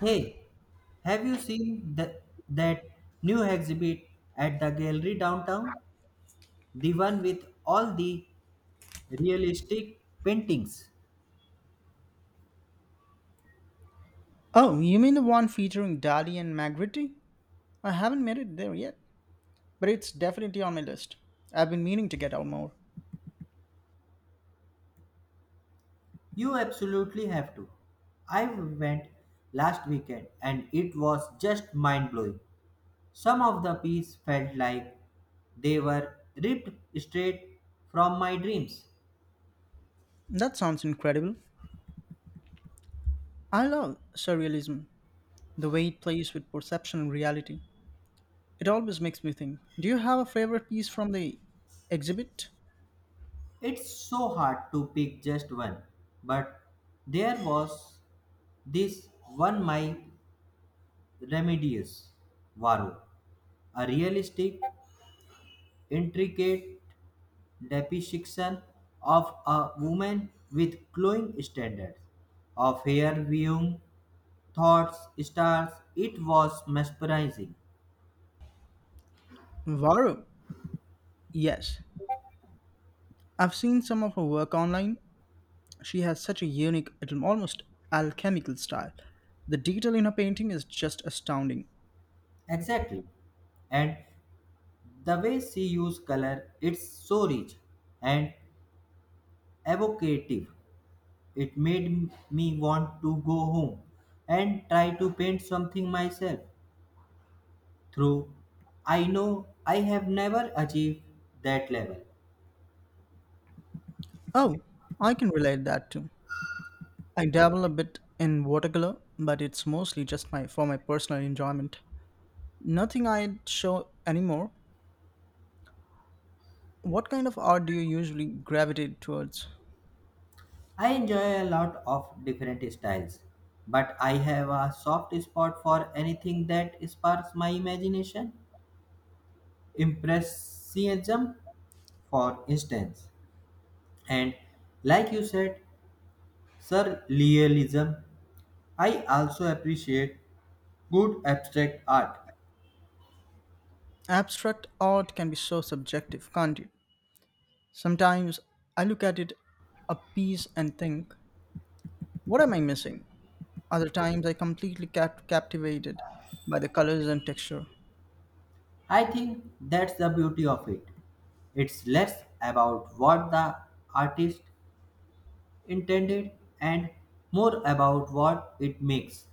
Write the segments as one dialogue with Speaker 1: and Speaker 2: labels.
Speaker 1: Hey, have you seen the, that new exhibit at the gallery downtown? The one with all the realistic paintings.
Speaker 2: Oh, you mean the one featuring Dali and Magritte? I haven't made it there yet, but it's definitely on my list. I've been meaning to get out more.
Speaker 1: You absolutely have to. I went last weekend and it was just mind blowing. Some of the pieces felt like they were ripped straight from my dreams.
Speaker 2: That sounds incredible. I love surrealism, the way it plays with perception and reality. It always makes me think. Do you have a favorite piece from the exhibit?
Speaker 1: It's so hard to pick just one, but there was this one my Remedios Varo, a realistic, intricate depiction of a woman with glowing standards of hair viewing thoughts, stars. It was mesmerizing.
Speaker 2: Varro. Yes. I've seen some of her work online. She has such a unique, almost alchemical style. The detail in her painting is just astounding.
Speaker 1: Exactly. And the way she used color, it's so rich and evocative. It made me want to go home and try to paint something myself. True, I know I have never achieved that level.
Speaker 2: Oh, I can relate that too. I dabble a bit in watercolor, but it's mostly just my for my personal enjoyment. Nothing I'd show anymore. What kind of art do you usually gravitate towards?
Speaker 1: I enjoy a lot of different styles, but I have a soft spot for anything that sparks my imagination. Impressionism, for instance, and like you said, surrealism. I also appreciate good abstract art.
Speaker 2: Abstract art can be so subjective, can't it? Sometimes I look at it a piece and think, what am I missing? Other times I completely captivated by the colors and texture.
Speaker 1: I think that's the beauty of it. It's less about what the artist intended and more about what it makes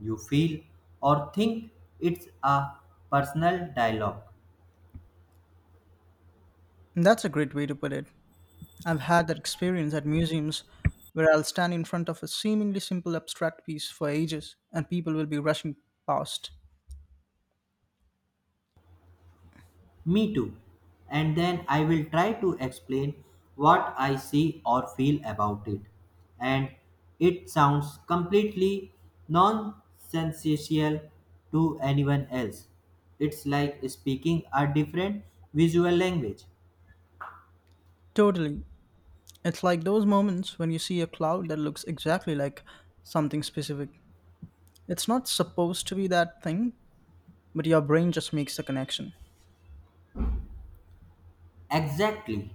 Speaker 1: you feel or think it's a personal dialogue.
Speaker 2: That's a great way to put it. I've had that experience at museums where I'll stand in front of a seemingly simple abstract piece for ages and people will be rushing past.
Speaker 1: Me too. And then I will try to explain what I see or feel about it. And it sounds completely nonsensical to anyone else. It's like speaking a different visual language.
Speaker 2: Totally. It's like those moments when you see a cloud that looks exactly like something specific. It's not supposed to be that thing, but your brain just makes the connection.
Speaker 1: Exactly.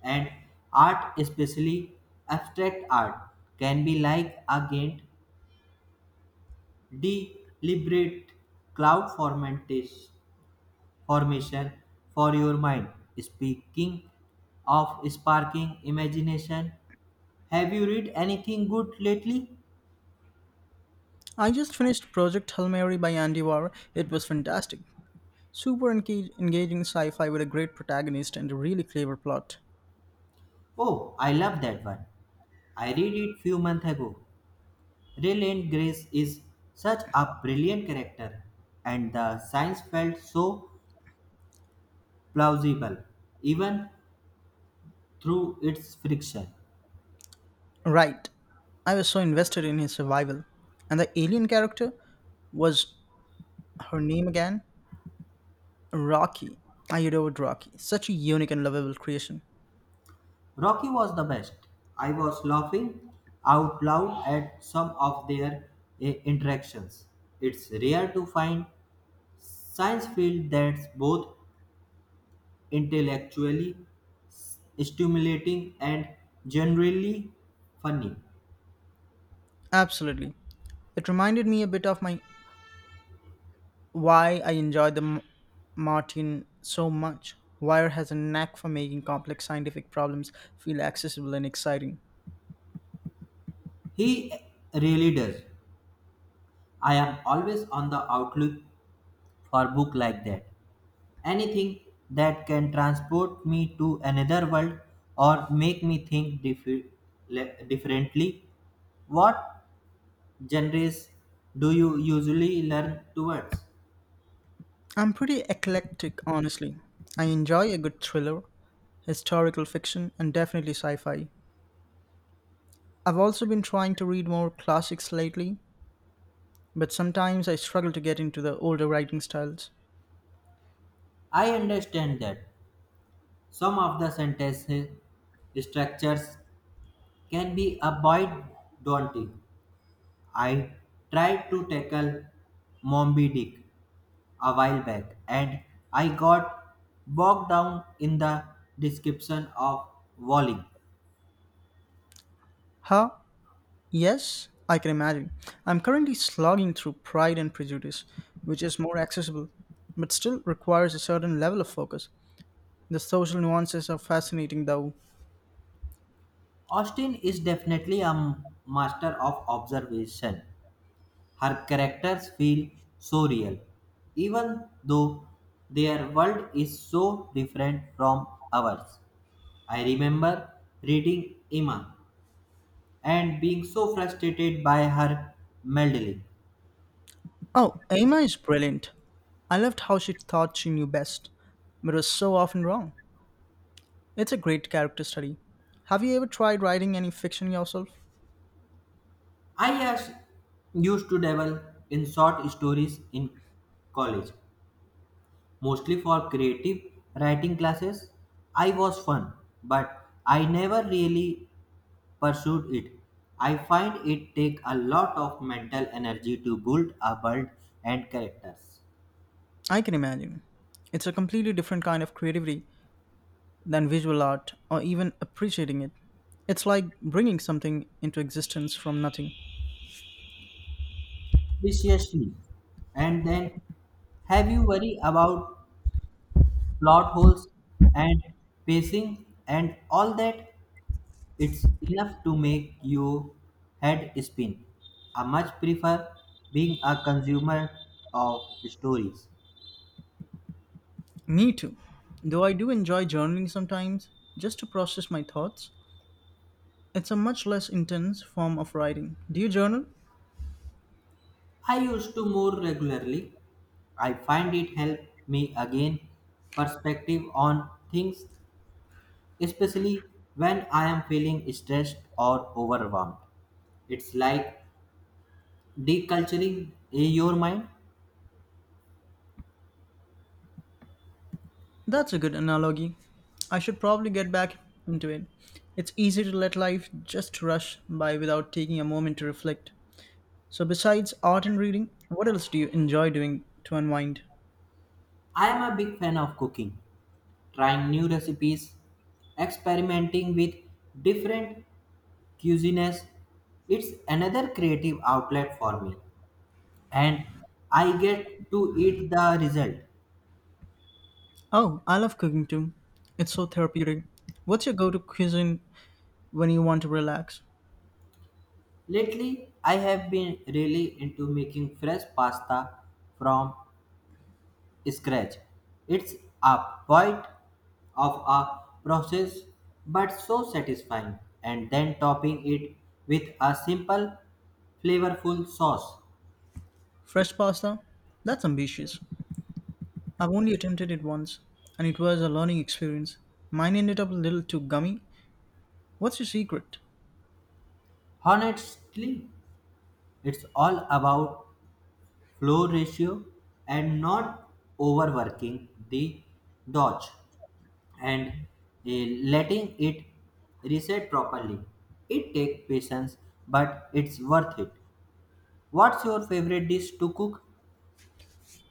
Speaker 1: And art, especially abstract art, can be like a Gantt, deliberate cloud formatis- formation for your mind. Speaking of sparking imagination, have you read anything good lately?
Speaker 2: I just finished Project Hail Mary by Andy Warr. It was fantastic. Super engaging sci fi with a great protagonist and a really clever plot.
Speaker 1: Oh, I love that one. I read it few months ago. Raylan Grace is such a brilliant character, and the science felt so plausible, even through its friction.
Speaker 2: Right. I was so invested in his survival. And the alien character was her name again? Rocky. I adored Rocky. Such a unique and lovable creation.
Speaker 1: Rocky was the best. I was laughing out loud at some of their interactions. It's rare to find science field that's both intellectually stimulating and generally funny.
Speaker 2: Absolutely. It reminded me a bit of my why I enjoyed the Martin so much. Wire has a knack for making complex scientific problems feel accessible and exciting.
Speaker 1: He really does. I am always on the outlook for book like that. Anything that can transport me to another world or make me think differently. What genres do you usually learn towards?
Speaker 2: I'm pretty eclectic, honestly. I enjoy a good thriller, historical fiction, and definitely sci fi. I've also been trying to read more classics lately, but sometimes I struggle to get into the older writing styles.
Speaker 1: I understand that some of the sentence structures can be a bit daunting. I tried to tackle Moby Dick a while back and I got bogged down in the description of Walling.
Speaker 2: Huh? Yes, I can imagine. I'm currently slogging through Pride and Prejudice, which is more accessible, but still requires a certain level of focus. The social nuances are fascinating though.
Speaker 1: Austin is definitely a master of observation. Her characters feel so real, even though their world is so different from ours. I remember reading Emma and being so frustrated by her meddling.
Speaker 2: Oh, Emma is brilliant. I loved how she thought she knew best, but was so often wrong. It's a great character study. Have you ever tried writing any fiction yourself?
Speaker 1: I as- Used to dabble in short stories in college, mostly for creative writing classes. I was fun, but I never really pursued it. I find it take a lot of mental energy to build a world and characters
Speaker 2: I can imagine. It's a completely different kind of creativity than visual art or even appreciating it. It's like bringing something into existence from nothing.
Speaker 1: viciously. And then have you worry about plot holes and pacing and all that? It's enough to make your head spin. I much prefer being a consumer of stories.
Speaker 2: Me too. Though I do enjoy journaling sometimes, just to process my thoughts, it's a much less intense form of writing. Do you journal?
Speaker 1: I used to more regularly, I find it helped me again perspective on things, especially when I am feeling stressed or overwhelmed. It's like deculturing your mind.
Speaker 2: That's a good analogy. I should probably get back into it. It's easy to let life just rush by without taking a moment to reflect. So, besides art and reading, what else do you enjoy doing to unwind?
Speaker 1: I am a big fan of cooking, trying new recipes, experimenting with different cuisines. It's another creative outlet for me, and I get to eat the result.
Speaker 2: Oh, I love cooking too. It's so therapeutic. What's your go to cuisine when you want to relax?
Speaker 1: Lately, I have been really into making fresh pasta from scratch. It's a bit of a process, but so satisfying, and then topping it with a simple, flavorful sauce.
Speaker 2: Fresh pasta? That's ambitious. I've only attempted it once, and it was a learning experience. Mine ended up a little too gummy. What's your secret?
Speaker 1: Honestly, it's all about flow ratio and not overworking the dodge, and letting it reset properly. It takes patience, but it's worth it. What's your favorite dish to cook?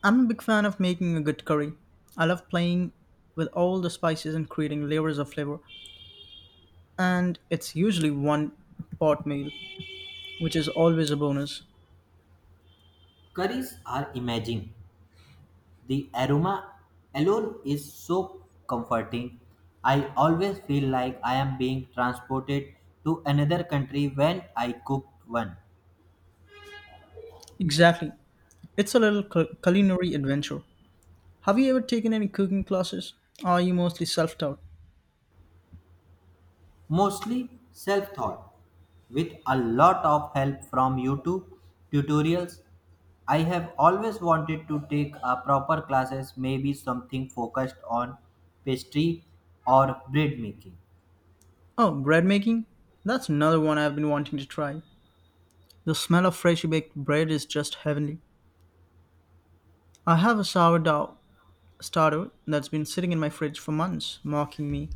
Speaker 2: I'm a big fan of making a good curry. I love playing with all the spices and creating layers of flavor, and it's usually one pot meal, which is always a bonus.
Speaker 1: Curries are amazing. The aroma alone is so comforting. I always feel like I am being transported to another country when I cook one.
Speaker 2: Exactly. It's a little culinary adventure. Have you ever taken any cooking classes? Or are you mostly self taught?
Speaker 1: Mostly self-taught, with a lot of help from YouTube tutorials. I have always wanted to take a proper classes, maybe something focused on pastry or bread making.
Speaker 2: Oh, bread making? That's another one I've been wanting to try. The smell of freshly baked bread is just heavenly. I have a sourdough starter that's been sitting in my fridge for months, mocking me.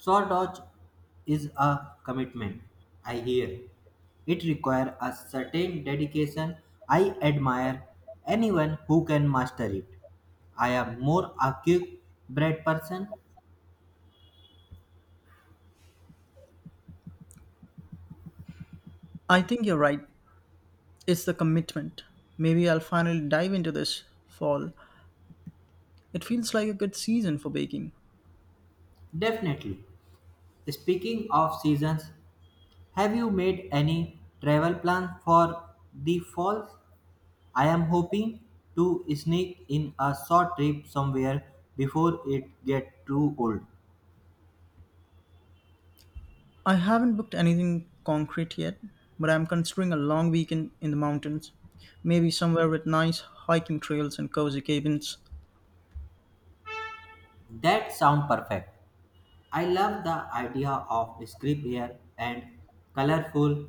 Speaker 1: Sawdodge is a commitment, I hear. It requires a certain dedication. I admire anyone who can master it. I am more a quick bread person,
Speaker 2: I think you're right. It's the commitment. Maybe I'll finally dive into this fall. It feels like a good season for baking.
Speaker 1: definitely. Speaking of seasons, have you made any travel plan for the fall? I am hoping to sneak in a short trip somewhere before it gets too cold.
Speaker 2: I haven't booked anything concrete yet, but I'm considering a long weekend in the mountains, maybe somewhere with nice hiking trails and cozy cabins.
Speaker 1: That sounds perfect. I love the idea of crisp air and colorful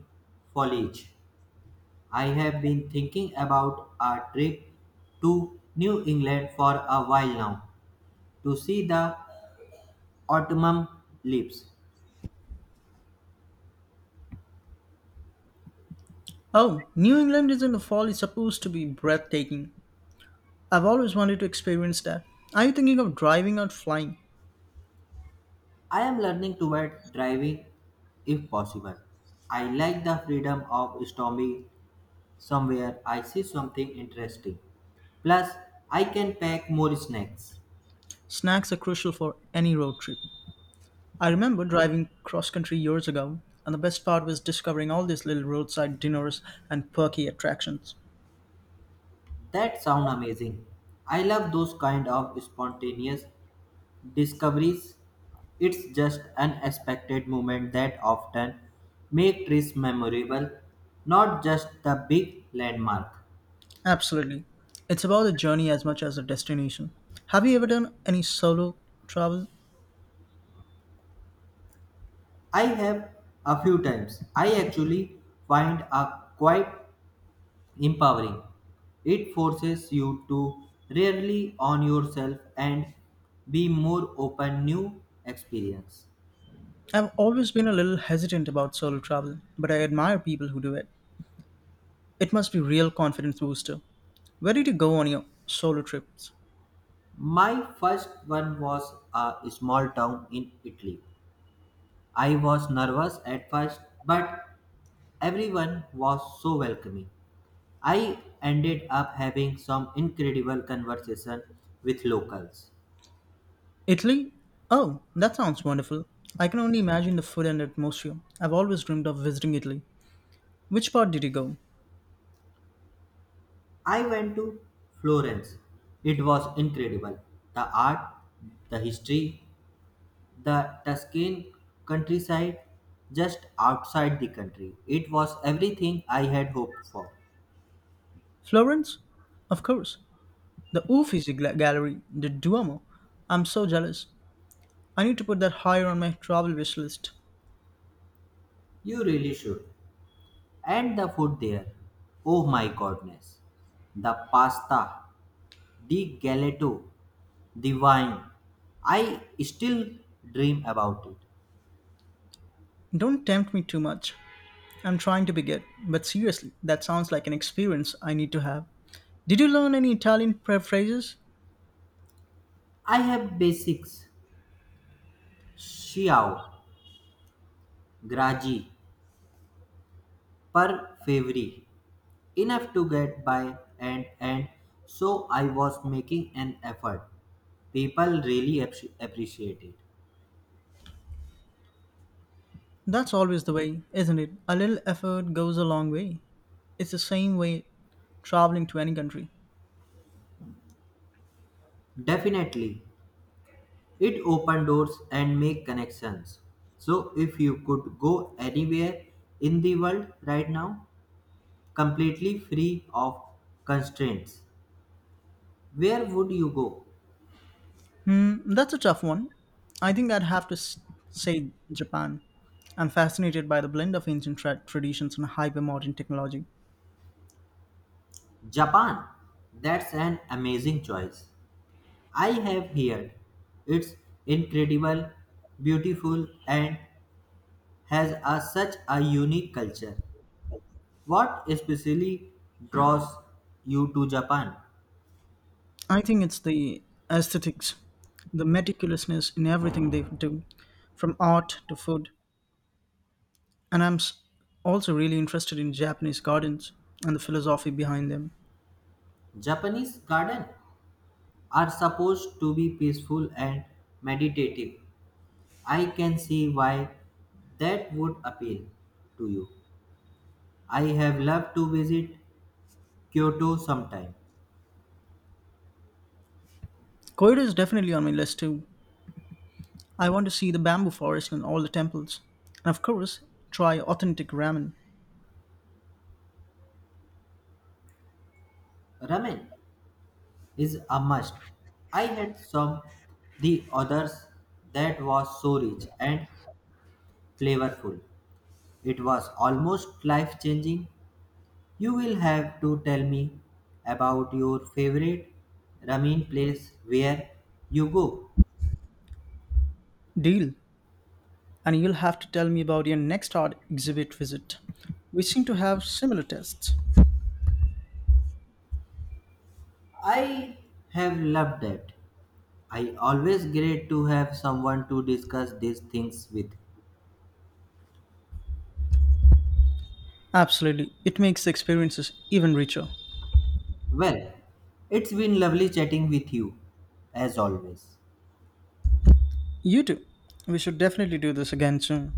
Speaker 1: foliage. I have been thinking about a trip to New England for a while now to see the autumn leaves.
Speaker 2: Oh, New England is in the fall is supposed to be breathtaking. I've always wanted to experience that. Are you thinking of driving or flying?
Speaker 1: I am learning to avoid driving if possible. I like the freedom of stopping somewhere I see something interesting. Plus, I can pack more snacks.
Speaker 2: Snacks are crucial for any road trip. I remember driving cross country years ago, and the best part was discovering all these little roadside dinners and perky attractions.
Speaker 1: That sound amazing. I love those kind of spontaneous discoveries. It's just unexpected moment that often make trips memorable, not just the big landmark.
Speaker 2: Absolutely. It's about the journey as much as the destination. Have you ever done any solo travel?
Speaker 1: I have a few times. I actually find a quiet empowering. It forces you to rarely on yourself and be more open new experience.
Speaker 2: I've always been a little hesitant about solo travel, but I admire people who do it. It must be real confidence booster. Where did you go on your solo trips?
Speaker 1: My first one was a small town in Italy. I was nervous at first, but everyone was so welcoming. I ended up having some incredible conversation with locals.
Speaker 2: Italy? Oh, that sounds wonderful. I can only imagine the food and atmosphere. I've always dreamed of visiting Italy. Which part did you go?
Speaker 1: I went to Florence. It was incredible. The art, the history, the Tuscan countryside just outside the country. It was everything I had hoped for.
Speaker 2: Florence? Of course. The Uffizi Gallery, the Duomo. I'm so jealous. I need to put that higher on my travel wish list.
Speaker 1: You really should. And the food there, oh my goodness. The pasta, the gelato, the wine. I still dream about it.
Speaker 2: Don't tempt me too much. I'm trying to be good, but seriously, that sounds like an experience I need to have. Did you learn any Italian phrases?
Speaker 1: I have basics, Xiao, Graji, Per Favori, enough to get by, and so I was making an effort, people really appreciate it.
Speaker 2: That's always the way, isn't it? A little effort goes a long way. It's the same way traveling to any country.
Speaker 1: Definitely, it open doors and make connections. So if you could go anywhere in the world right now completely free of constraints, where would you go?
Speaker 2: Hmm, that's a tough one. I think I'd have to say Japan. I'm fascinated by the blend of ancient traditions and hyper modern technology.
Speaker 1: Japan, that's an amazing choice. I have heard it's incredible beautiful and has a, such a unique culture. What especially draws you to Japan?
Speaker 2: I think it's the aesthetics, the meticulousness in everything they do, from art to food. And also really interested in Japanese gardens and the philosophy behind them.
Speaker 1: Japanese gardens are supposed to be peaceful and meditative. I can see why that would appeal to you. I have loved to visit Kyoto sometime.
Speaker 2: Korea is definitely on my list too. I want to see the bamboo forest and all the temples. And of course, try authentic ramen.
Speaker 1: Ramen is a must. I had some the others that was so rich and flavorful. It was almost life changing. You will have to tell me about your favorite ramen place where you go.
Speaker 2: Deal. And you'll have to tell me about your next art exhibit visit. We seem to have similar tastes.
Speaker 1: I have loved that. I always great to have someone to discuss these things with.
Speaker 2: Absolutely. It makes the experiences even richer.
Speaker 1: Well, it's been lovely chatting with you as always.
Speaker 2: You too. We should definitely do this again soon.